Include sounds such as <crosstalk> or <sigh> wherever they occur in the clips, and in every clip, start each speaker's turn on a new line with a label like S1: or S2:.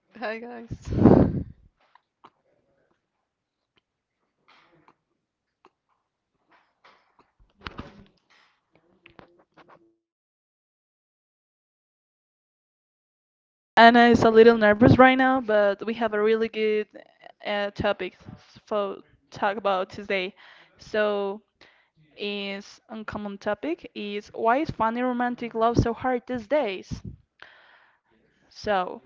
S1: Hi guys.
S2: Anna is a little nervous right now, but we have a really good topic for talk about today. So, is uncommon topic is why is finding romantic love so hard these days? So,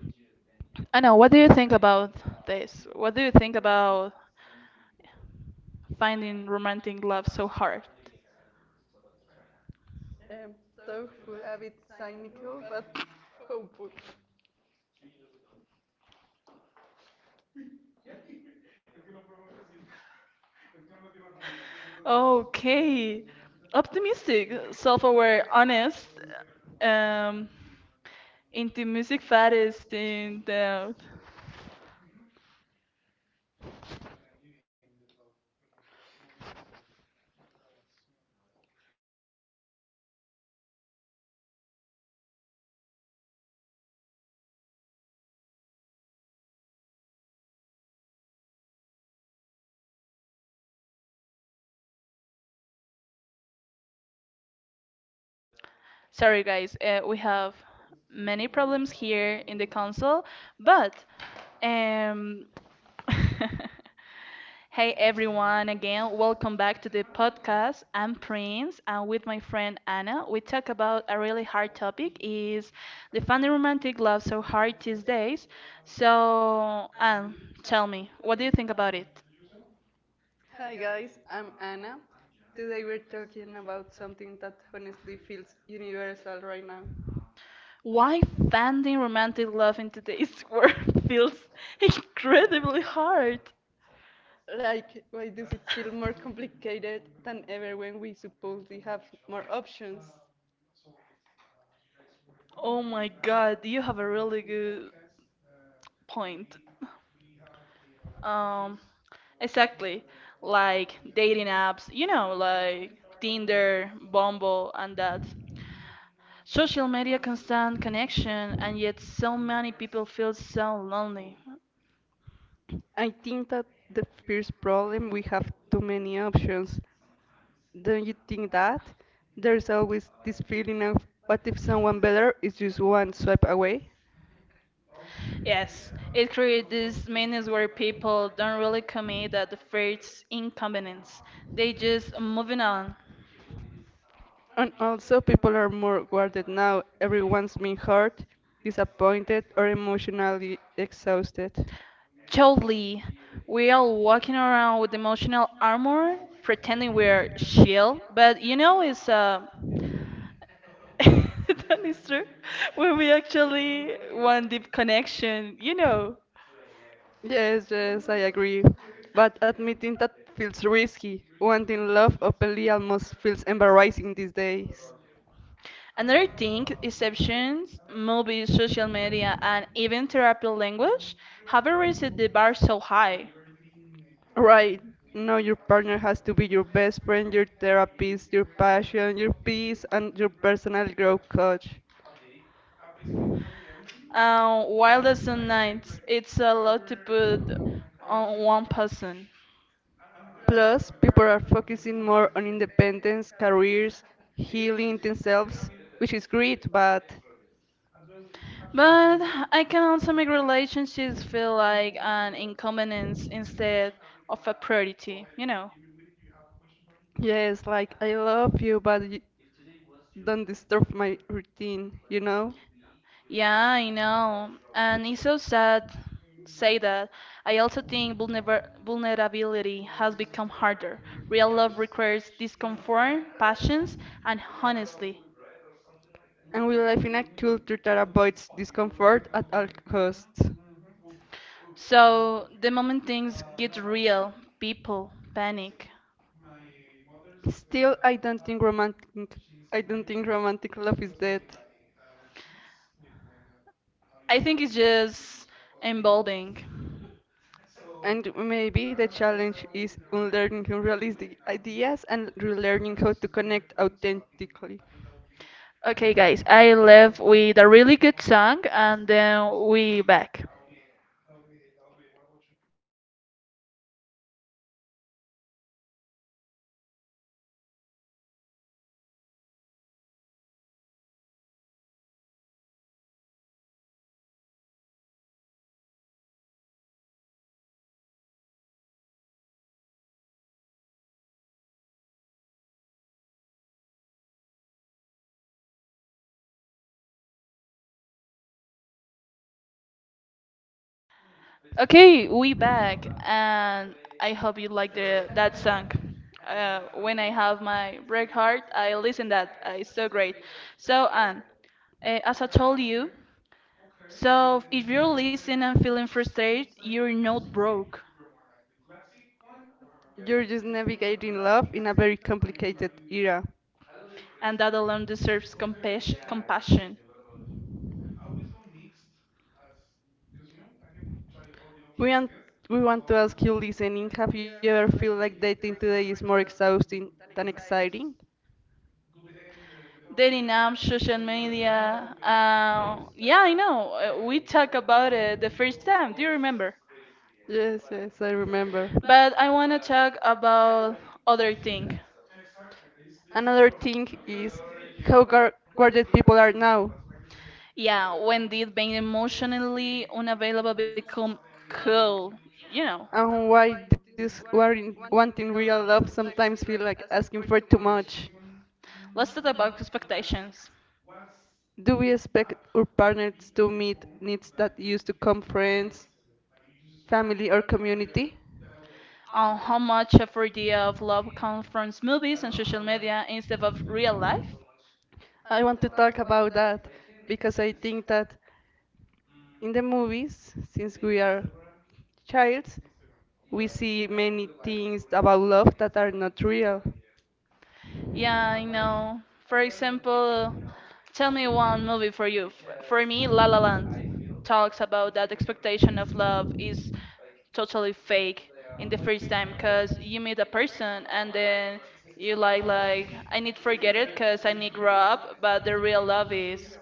S2: Anna, what do you think about this? What do you think about finding romantic love so hard?
S1: I'm thoughtful, a bit cynical, but hopeful.
S2: Okay, optimistic, self-aware, honest, um, into music fetish and doubt. Sorry, guys, we have many problems here in the console, but um, <laughs> hey everyone, again, welcome back to the podcast. I'm Prince, and with my friend Anna, we talk about a really hard topic: is the finding romantic love so hard these days? So, Anne, tell me, what do you think about it?
S1: Hi guys, I'm Anna. Today we're talking about something that honestly feels universal right now.
S2: Why finding romantic love in today's <laughs> world feels incredibly hard?
S1: Like, why does it feel more complicated than ever when we supposedly have more options?
S2: Oh my god, you have a really good point. Um, exactly. Like dating apps, you know, like Tinder, Bumble, and that. Social media constant connection, and yet so many people feel so lonely.
S1: I think that the first problem we have too many options. Don't you think that? There's always this feeling of what if someone better is just one swipe away?
S2: Yes, it creates this madness where people don't really commit at the first inconvenience. They just moving on.
S1: And also, people are more guarded now. Everyone's been hurt, disappointed, or emotionally exhausted.
S2: Totally. We're walking around with emotional armor, pretending we're shield, but you know, it's <laughs> that is true. When we actually want deep connection, you know.
S1: Yes, yes, I agree. But admitting that feels risky. Wanting love openly almost feels embarrassing these days.
S2: Another thing, exceptions, movies, social media, and even therapy language have raised the bar so high.
S1: Right now, your partner has to be your best friend, your therapist, your passion, your peace, and your personal growth coach.
S2: Wildest nights, it's a lot to put on one person.
S1: Plus, people are focusing more on independence, careers, healing themselves, which is great, but
S2: But I can also make relationships feel like an inconvenience instead of a priority, you know.
S1: yes, like I love you, but you don't disturb my routine, you know?
S2: Yeah, I know. And it's so sad say that. I also think vulnerability has become harder. Real love requires discomfort, passions, and honestly.
S1: And we live in a culture that avoids discomfort at all costs.
S2: So the moment things get real, people panic.
S1: Still, I don't think romantic. I don't think romantic love is dead.
S2: I think it's just emboldening.
S1: And maybe the challenge is unlearning unrealistic ideas and relearning how to connect authentically.
S2: Okay, guys, I left with a really good song, and then we back. Okay, we back, and I hope you like the that song. When I have my break heart, I listen that. It's so great. So, Anne, as I told you, so if you're listening and feeling frustrated, you're not broke,
S1: You're just navigating love in a very complicated era.
S2: and that alone deserves compassion. Compassion.
S1: We, want we want to ask you, listening, have you ever feel like dating today is more exhausting than exciting?
S2: Dating apps, social media. Yeah, I know. We talked about it the first time. Do you remember?
S1: Yes, yes, I remember.
S2: But I want to talk about other thing.
S1: Another thing is how guarded people are now,
S2: Yeah, when did being emotionally unavailable become cool? You know,
S1: and why this wanting real love sometimes feel like asking for too much.
S2: let's talk about expectations.
S1: Do we expect our partners to meet needs that used to come friends, family or community?
S2: On how much of our idea of love comes from movies and social media instead of real life?
S1: I want to talk about that because I think that in the movies, since we are childs, we see many things about love that are not real.
S2: Yeah, I know. For example, tell me one movie for you. For me, La La Land talks about that expectation of love is totally fake in the first time because you meet a person and then you like I need forget it because I need grow up, but the real love is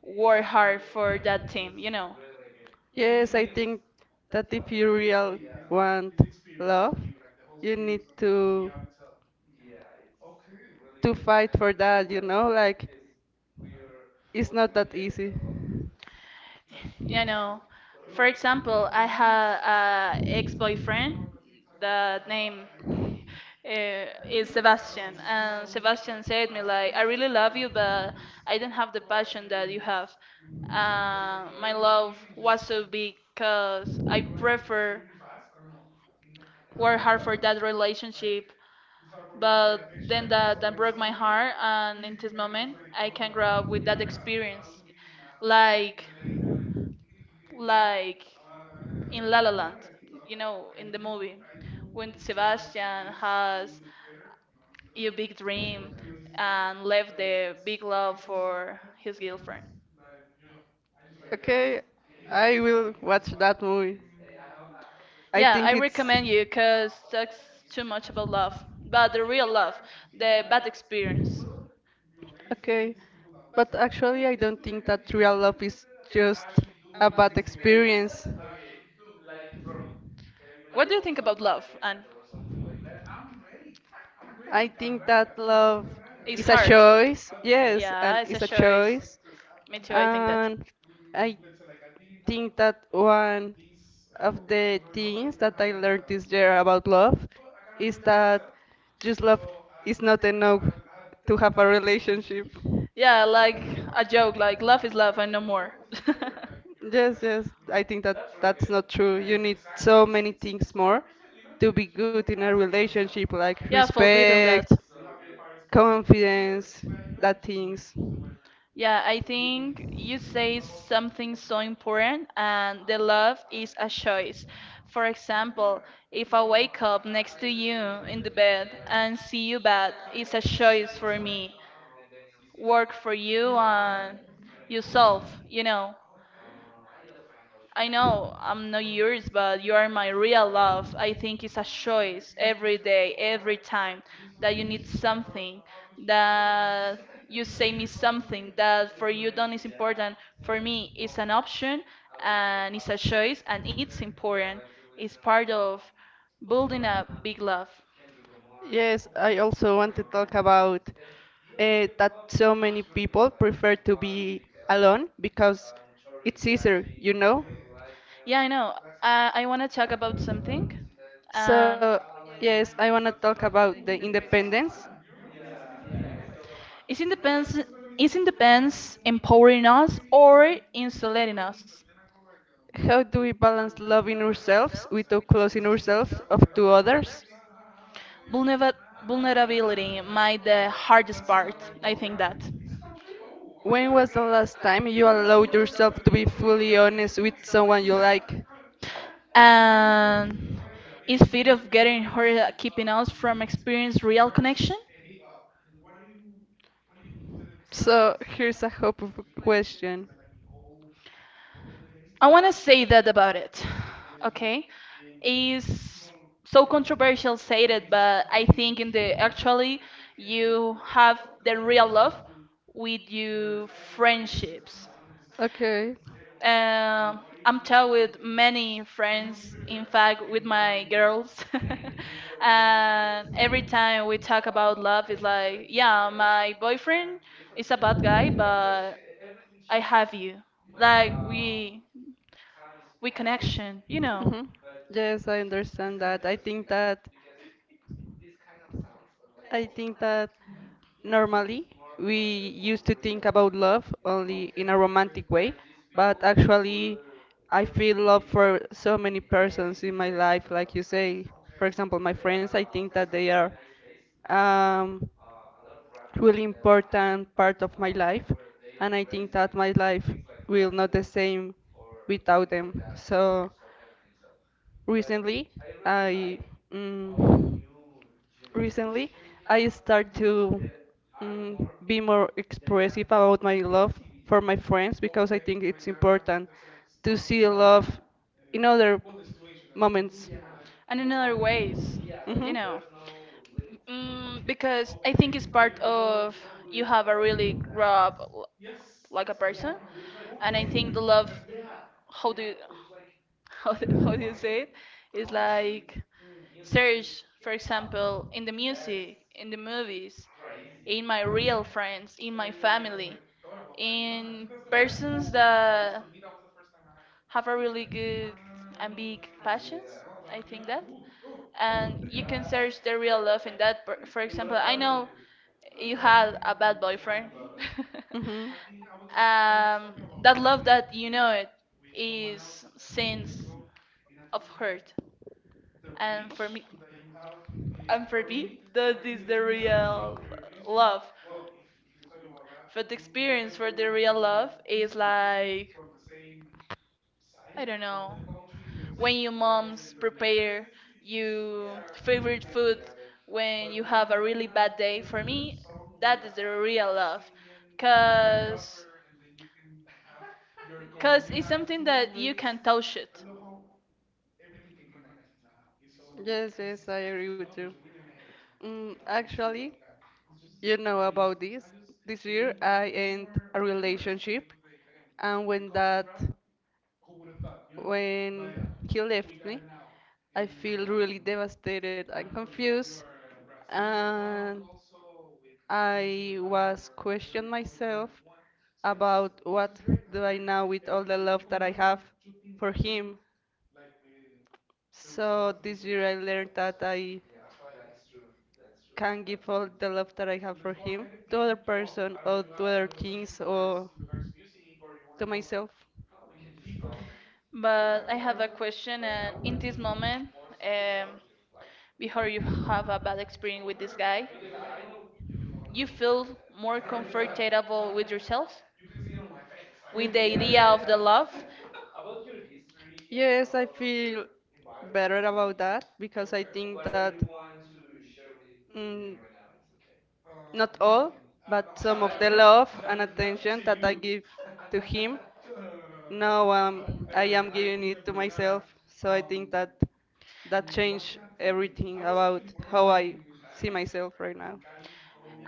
S2: work hard for that team, you know.
S1: Yes, I think that if you real want love, you need to fight for that, you know, like it's not that easy.
S2: You know, for example, I had a ex-boyfriend that name is Sebastian, and Sebastian said me like, "I really love you, but I don't have the passion that you have. My love was so big because I prefer work hard for that relationship, but then that broke my heart, and in this moment I can grow up with that experience, like like in La La Land, you know, in the movie, when Sebastian has your big dream and left the big love for his girlfriend.
S1: Okay, I will watch that movie. I
S2: Yeah, I
S1: think it's
S2: recommend you because talks too much about love, but the real love, the bad experience.
S1: okay, but actually, I don't think that real love is just a bad experience.
S2: What do you think about love? And
S1: I think that love
S2: it's
S1: is a
S2: hard.
S1: choice, yes,
S2: Yeah,
S1: and
S2: it's a
S1: it's a
S2: choice.
S1: choice,
S2: Me too. I think that.
S1: and I think that one of the things that I learned this year about love is that just love is not enough to have a relationship.
S2: Yeah, like a joke. Like love is love and no more.
S1: Yes, yes. I
S2: <laughs>
S1: think that that's not true. You need so many things more to be good in a relationship, like
S2: Yeah, forbidden
S1: respect,
S2: that.
S1: confidence, that things.
S2: Yeah, I think you say something so important, and the love is a choice. For example, if I wake up next to you in the bed and see you bad, it's a choice for me. Work for you and yourself, you know. I know I'm not yours, but you are my real love. I think it's a choice every day, every time that you need something, that you say me something that for you don't is important. For me, it's an option and it's a choice and it's important. It's part of building a big love.
S1: Yes, I also want to talk about that so many people prefer to be alone because it's easier, you know?
S2: Yeah, I know. I want to talk about something. And
S1: So, yes, I want to talk about the independence.
S2: is independence, is independence empowering us or insulating us?
S1: How do we balance loving ourselves without closing ourselves off to others?
S2: Vulnera- Vulnerability, my the hardest part, I think that.
S1: When was the last time you allowed yourself to be fully honest with someone you like?
S2: And is fear of getting hurt keeping us from experience real connection?
S1: So here's a hopeful question.
S2: I want to say that about it. Okay, is so controversial said it, but I think in the actually you have the real love with your friendships.
S1: Okay.
S2: Um, I'm talk with many friends, in fact, with my girls. <laughs> And every time we talk about love, it's like, yeah, my boyfriend is a bad guy, but I have you. Like we connection, you know,
S1: Hmm. Yes, I understand that. I think that Normally, we used to think about love only in a romantic way, but actually, I feel love for so many persons in my life, like you say. For example, my friends, I think that they are um, really important part of my life, and I think that my life will not the same without them. So recently, I mm, recently I start to be more expressive about my love for my friends because I think it's important to see love in other moments.
S2: and in other ways, you
S1: Mhm.
S2: know. Mm, because I think it's part of you have a really rough like a person and I think the love how do you, <laughs> how do you say it? It's like search, for example, in the music, in the movies, in my real friends, in my family, in persons that have a really good and big passions. I think that, and you can search the real love in that. For example, I know you had a bad boyfriend.
S1: Mhm.
S2: <laughs> um, that love that you know it is since of hurt, and for me that is the real love. For the experience for the real love is like I don't know, when your mom's prepare your favorite food when you have a really bad day, for me that is the real love, because it's something that you can touch it.
S1: Yes, yes, I agree with you. Really actually, you know about this. This year I end a relationship, and when he left me, I feel really devastated and I confused, and I was myself about what do I now with all the love that I have for him. So this year I learned that I can give all the love that I have for him to other person or to other things or to myself.
S2: But I have a question, and in this moment, um, before you have a bad experience with this guy, you feel more comfortable with yourself, with
S1: Mm.
S2: the
S1: Yeah,
S2: idea of the love.
S1: yeah, <laughs> yes, I feel better about that because I think that mm, not all, but some of the love and attention that I give to him, now I am giving it to myself. So I think that that changed everything about how I see myself right now.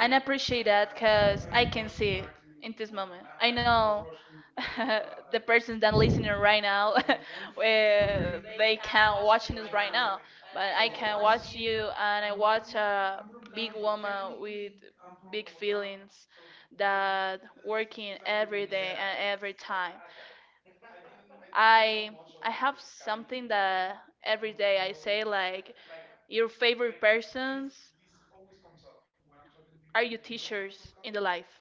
S2: And I appreciate that because I can see it in this moment. I know, <laughs> the person that listening right now, <laughs> where they can watching us right now, but I can watch you and I watch a big woman with big feelings that working every day and every time. I I have something that every day I say like your favorite persons? Are you teachers in the life?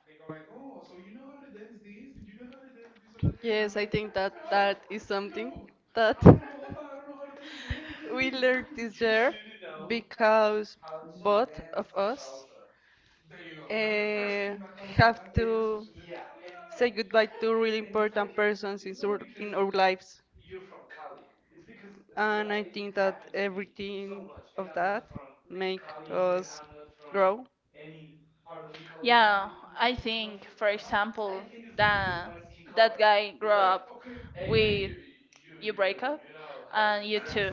S1: Yes, I think that wow, that is something that <laughs> we learned this year because both of us uh, have to say goodbye to really important persons in in our lives. And I think that everything of that make us grow
S2: Yeah, I think, for example, that that guy grew up with you break up and you too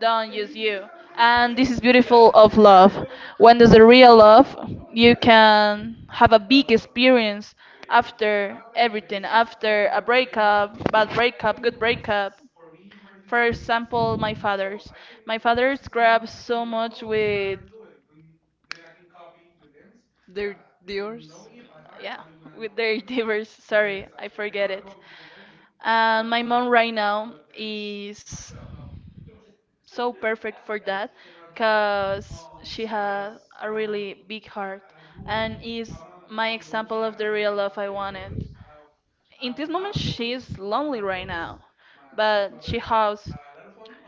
S2: don't use you, and this is beautiful of love. When there's a real love you can have a big experience after everything, after a breakup, bad breakup, good breakup. For example, my father's grew up so much with,
S1: their dears.
S2: yeah, with their <laughs> neighbors, sorry I forget it. And my mom right now is so perfect for that because she has a really big heart and is my example of the real love I wanted. In this moment she is lonely right now, but she has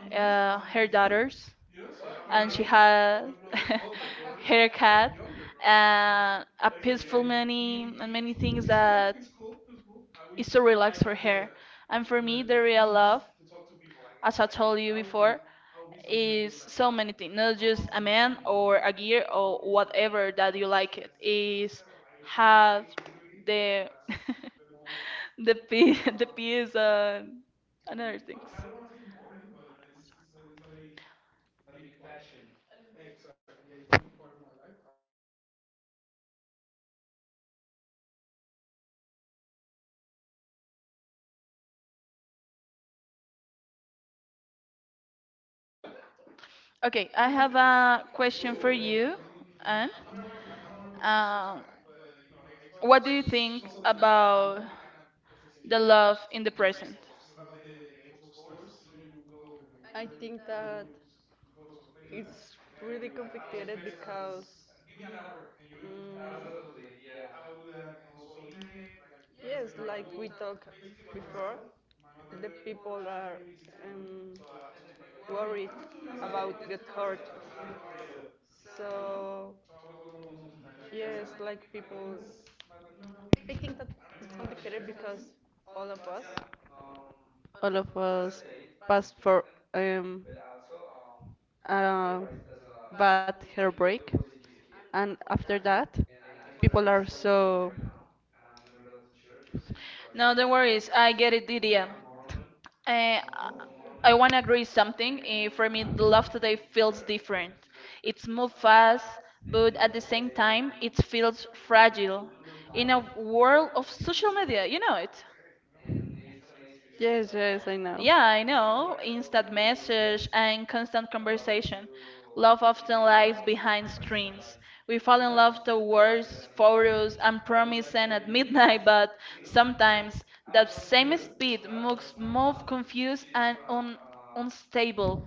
S2: her daughters, and she has <laughs> her cat and a peaceful many and many things that is so relaxed for her. And for me the real love, as I told you before, is so many things, not just a man or a gear or whatever that you like it is. Have the <laughs> the P, <laughs> the P is another things. Okay, I have a question for you, and um, what do you think about the love in the present?
S1: I think that it's really complicated because Mm. yes, like we talked before, the people are um, worried about get hurt. So yes, yeah, like people, it's complicated because all of us all of us passed for um, a bad heartbreak, and after that, people are so
S2: No, don't worry. I get it, Didier. Uh, I want to agree something. For me, the love today feels different. It's move fast, but at the same time, it feels fragile. In a world of social media, you know it.
S1: yes, yes, I know.
S2: Yeah, I know. Instant message and constant conversation. Love often lies behind screens. We fall in love to words, photos, and promises at midnight, but sometimes that same speed moves, move confused and un unstable.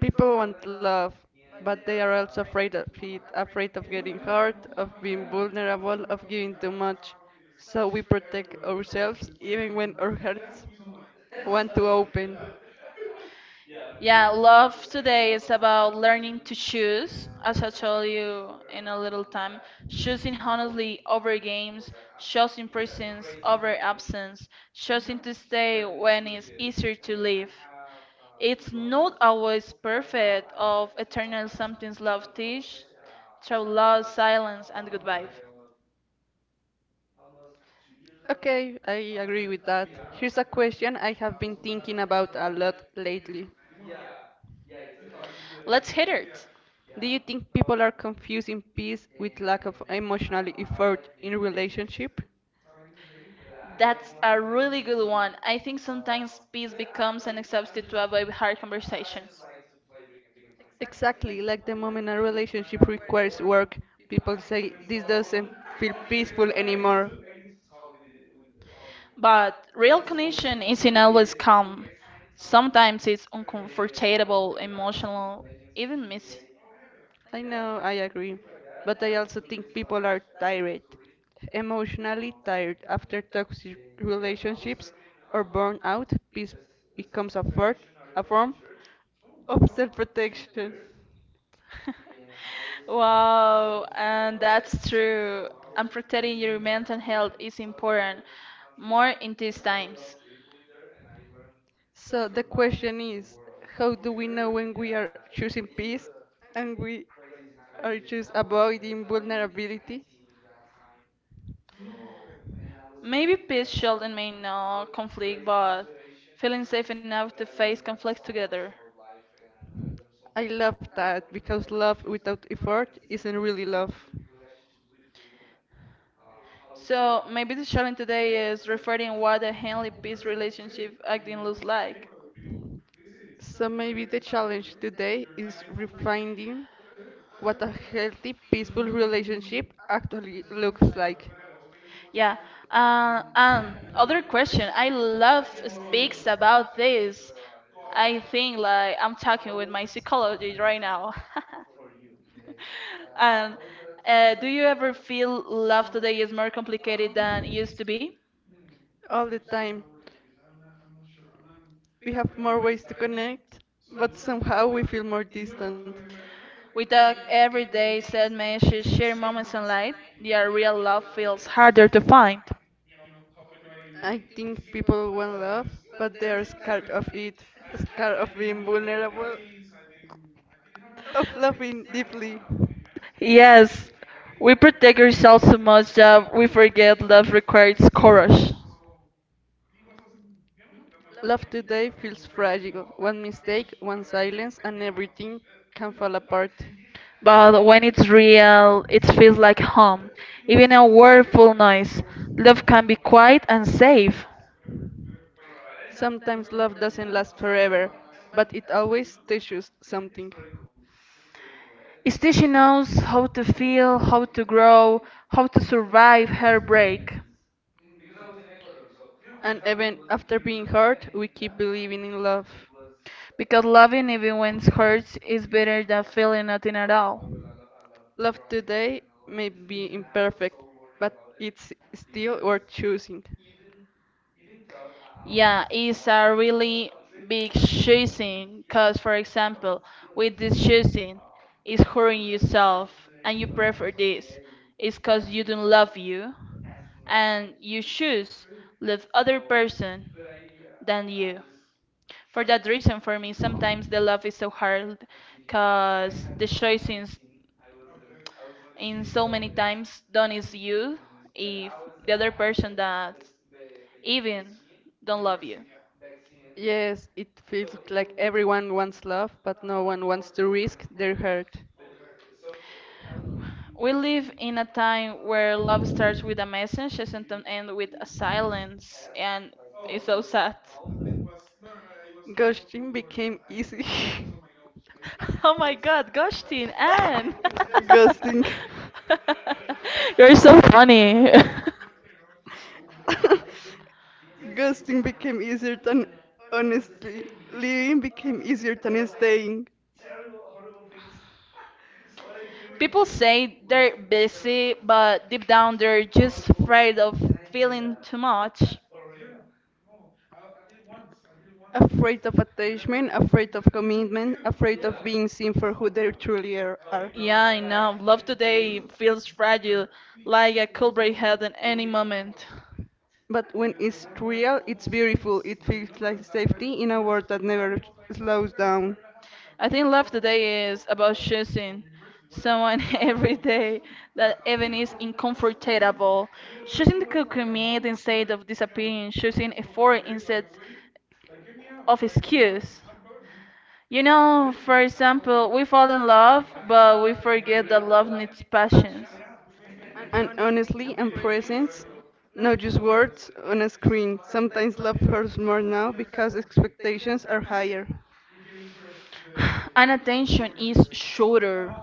S1: People want love, but they are also afraid of it, afraid of getting hurt, of being vulnerable, of giving too much. So we protect ourselves even when our hearts want to open.
S2: Yeah, love today is about learning to choose, as I told you in a little time, choosing honestly over games, choosing presence over absence, choosing to stay when it's easier to leave. It's not always perfect of eternal something's love teach, through love, silence and good vibe.
S1: Okay, I agree with that. Here's a question I have been thinking about a lot lately.
S2: Let's hit it.
S1: Do you think people are confusing peace with lack of emotional effort in relationship?
S2: That's a really good one. I think sometimes peace becomes an substitute to avoid hard conversations.
S1: Exactly, like the moment a relationship requires work, people say this doesn't feel peaceful anymore.
S2: But real connection isn't always calm. Sometimes it's uncomfortable, emotional, even messy.
S1: I know, I agree. But I also think people are tired, emotionally tired after toxic relationships or burnout. Peace becomes a form of self protection.
S2: <laughs> Wow, and that's true. And protecting your mental health is important, more in these times.
S1: So the question is how do we know when we are choosing peace and we are just avoiding vulnerability?
S2: Maybe peace, Sheldon, may not conflict, but feeling safe enough to face conflicts together.
S1: I love that because love without effort isn't really love.
S2: So maybe the challenge today is referring what a Henley peace relationship acting looks like.
S1: So maybe the challenge today is refining what a healthy, peaceful relationship actually looks like.
S2: Yeah. And other question. I love speaks about this. I think like I'm talking with my psychologist right now. <laughs> <laughs> And do you ever feel love today is more complicated than it used to be?
S1: All the time, we have more ways to connect, but somehow we feel more distant.
S2: With the everyday sad messages, shared moments in light, your real love feels harder to find.
S1: I think people want love, but they are scared of it, scared of being vulnerable, of loving deeply.
S2: Yes, we protect ourselves so much that we forget love requires courage.
S1: Love today feels fragile. One mistake, one silence, and everything can fall apart.
S2: But when it's real, it feels like home. Even a word full noise, love can be quiet and safe.
S1: Sometimes love doesn't last forever, but it always teaches something.
S2: Is this she knows how to feel, how to grow, how to survive heartbreak.
S1: And even after being hurt, we keep believing in love.
S2: Because loving even when it hurts is better than feeling nothing at all.
S1: Love today may be imperfect, but it's still worth choosing.
S2: Yeah, it's a really big choosing because, for example, with this choosing, it's hurting yourself and you prefer this. It's because you don't love you and you choose love other person than you. For that reason, for me, sometimes the love is so hard because the choice in so many times done is you if the other person that even don't love you.
S1: Yes, it feels like everyone wants love, but no one wants to risk their hurt.
S2: We live in a time where love starts with a message and sometimes end with a silence, and it's so sad.
S1: Ghosting became easy.
S2: <laughs> Oh my god, gosh, Teen Anne.
S1: <laughs> Ghosting.
S2: <laughs> You're so funny.
S1: Ghosting became easier than honestly. Leaving became easier than staying.
S2: <laughs> People say they're busy, but deep down they're just afraid of feeling too much.
S1: Afraid of attachment, afraid of commitment, afraid of being seen for who they truly are.
S2: Yeah, I know. Love today feels fragile, like I could break head at any moment.
S1: But when it's real, it's beautiful. It feels like safety in a world that never slows down.
S2: I think love today is about choosing someone <laughs> every day that even is uncomfortable, choosing to commit instead of disappearing, choosing effort instead of excuse. For example, we fall in love, but we forget that love needs patience.
S1: And honestly, and presence, not just words on a screen. Sometimes love hurts more now because expectations are higher.
S2: <sighs> And attention is shorter.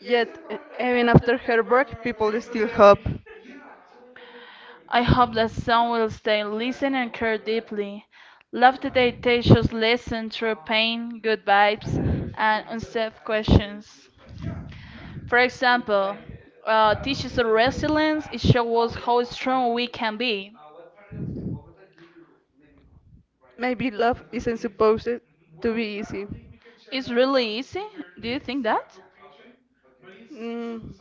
S1: Yet, even after her break, people still hope.
S2: I hope that some will stay, listen, and care deeply. Love today teaches listen through pain, good vibes, and unsafe questions. For example, teaches us resilience. It shows us how strong we can be.
S1: Maybe love isn't supposed to be easy.
S2: It's really easy. Do you think that?
S1: Mm,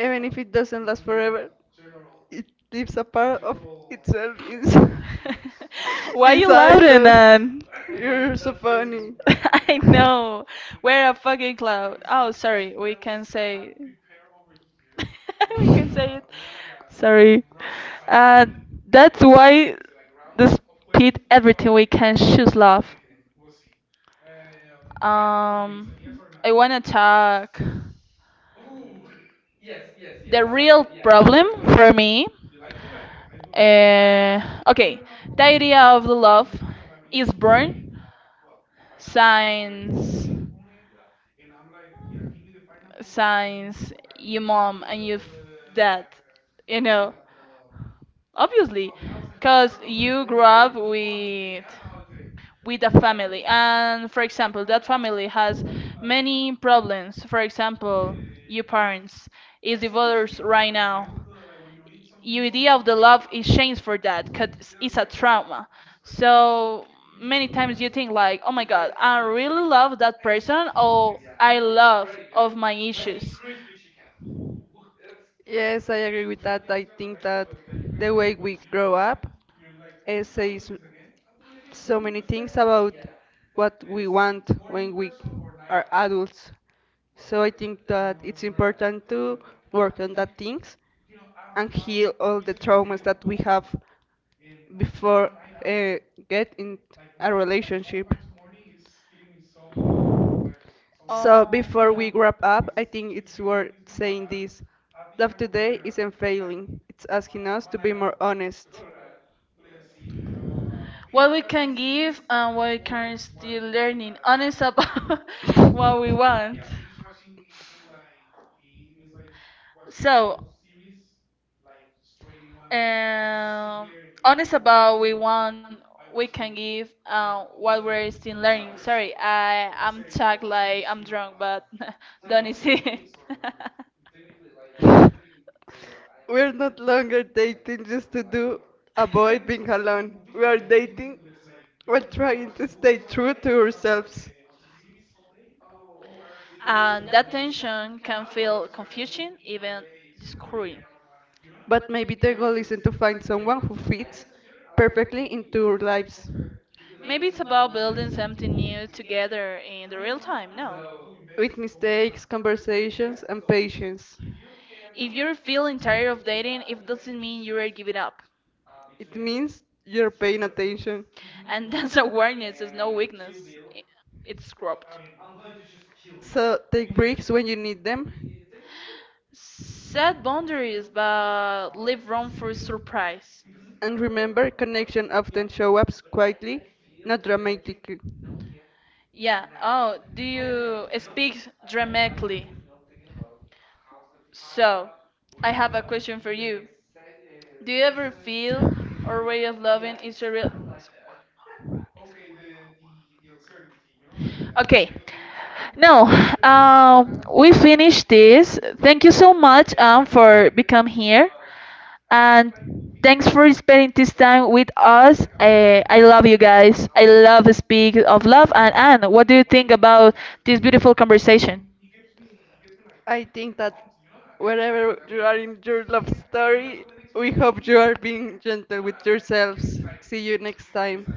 S1: even if it doesn't last forever, it leaves a part of itself inside,
S2: <laughs>
S1: <laughs>
S2: Why you
S1: inside
S2: laughing,
S1: us.
S2: Anne?
S1: You're so funny.
S2: <laughs> I know. We're a fucking cloud. Oh, sorry. We can say. <laughs> We can say it. Sorry. Uh, that's why despite everything we can choose love. I wanna talk. The real problem for me. Uh, okay, the idea of the love is born since signs your mom and your dad, you know, obviously, because you grew up with a family, and for example, that family has many problems. For example, your parents is divorced right now, your idea of the love is changed for that because it's a trauma. So many times you think like, oh my god, I really love that person, or I love of my issues.
S1: Yes, I agree with that. I think that the way we grow up says so many things about what we want when we are adults. So I think that it's important to work on that things and heal all the traumas that we have before uh, get in a relationship. So
S2: Oh,
S1: before
S2: yeah.
S1: we wrap up, I think it's worth saying this. Love today isn't failing. It's asking us to be more honest.
S2: What we can give and what we can still learning. Honest about <laughs> what we want. So, um, honest about we want we can give what we're still learning. Sorry, I'm talk like I'm drunk, but <laughs> don't is it.
S1: <laughs> We're not longer dating just to do avoid being alone. We are dating
S2: <laughs>
S1: while trying to stay true to ourselves.
S2: And that tension can feel confusing, even discouraging.
S1: But maybe the goal isn't to find someone who fits perfectly into our lives
S2: Maybe it's about building something new together in the real time, no?
S1: with mistakes, conversations, and patience.
S2: If you're feeling tired of dating, it doesn't mean you are giving up.
S1: It means you're paying attention.
S2: And <laughs> that's awareness is no weakness. I- It's growth.
S1: So take breaks when you need them,
S2: Set boundaries, but leave room for surprise.
S1: and remember, connection often show up quietly, not dramatically.
S2: Yeah. Oh, do you speak dramatically? So, I have a question for you. Do you ever feel our way of loving is a real? Okay, now we finished this. Thank you so much for become here, and thanks for spending this time with us. I love you guys. I love speak of love. And Anne, what do you think about this beautiful conversation?
S1: I think that whenever you are in your love story, we hope you are being gentle with yourselves. See you next time.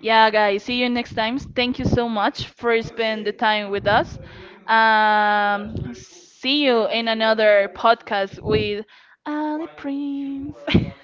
S2: Yeah, guys, see you next time. Thank you so much for spending the time with us. See you in another podcast with Ali Prince. <laughs>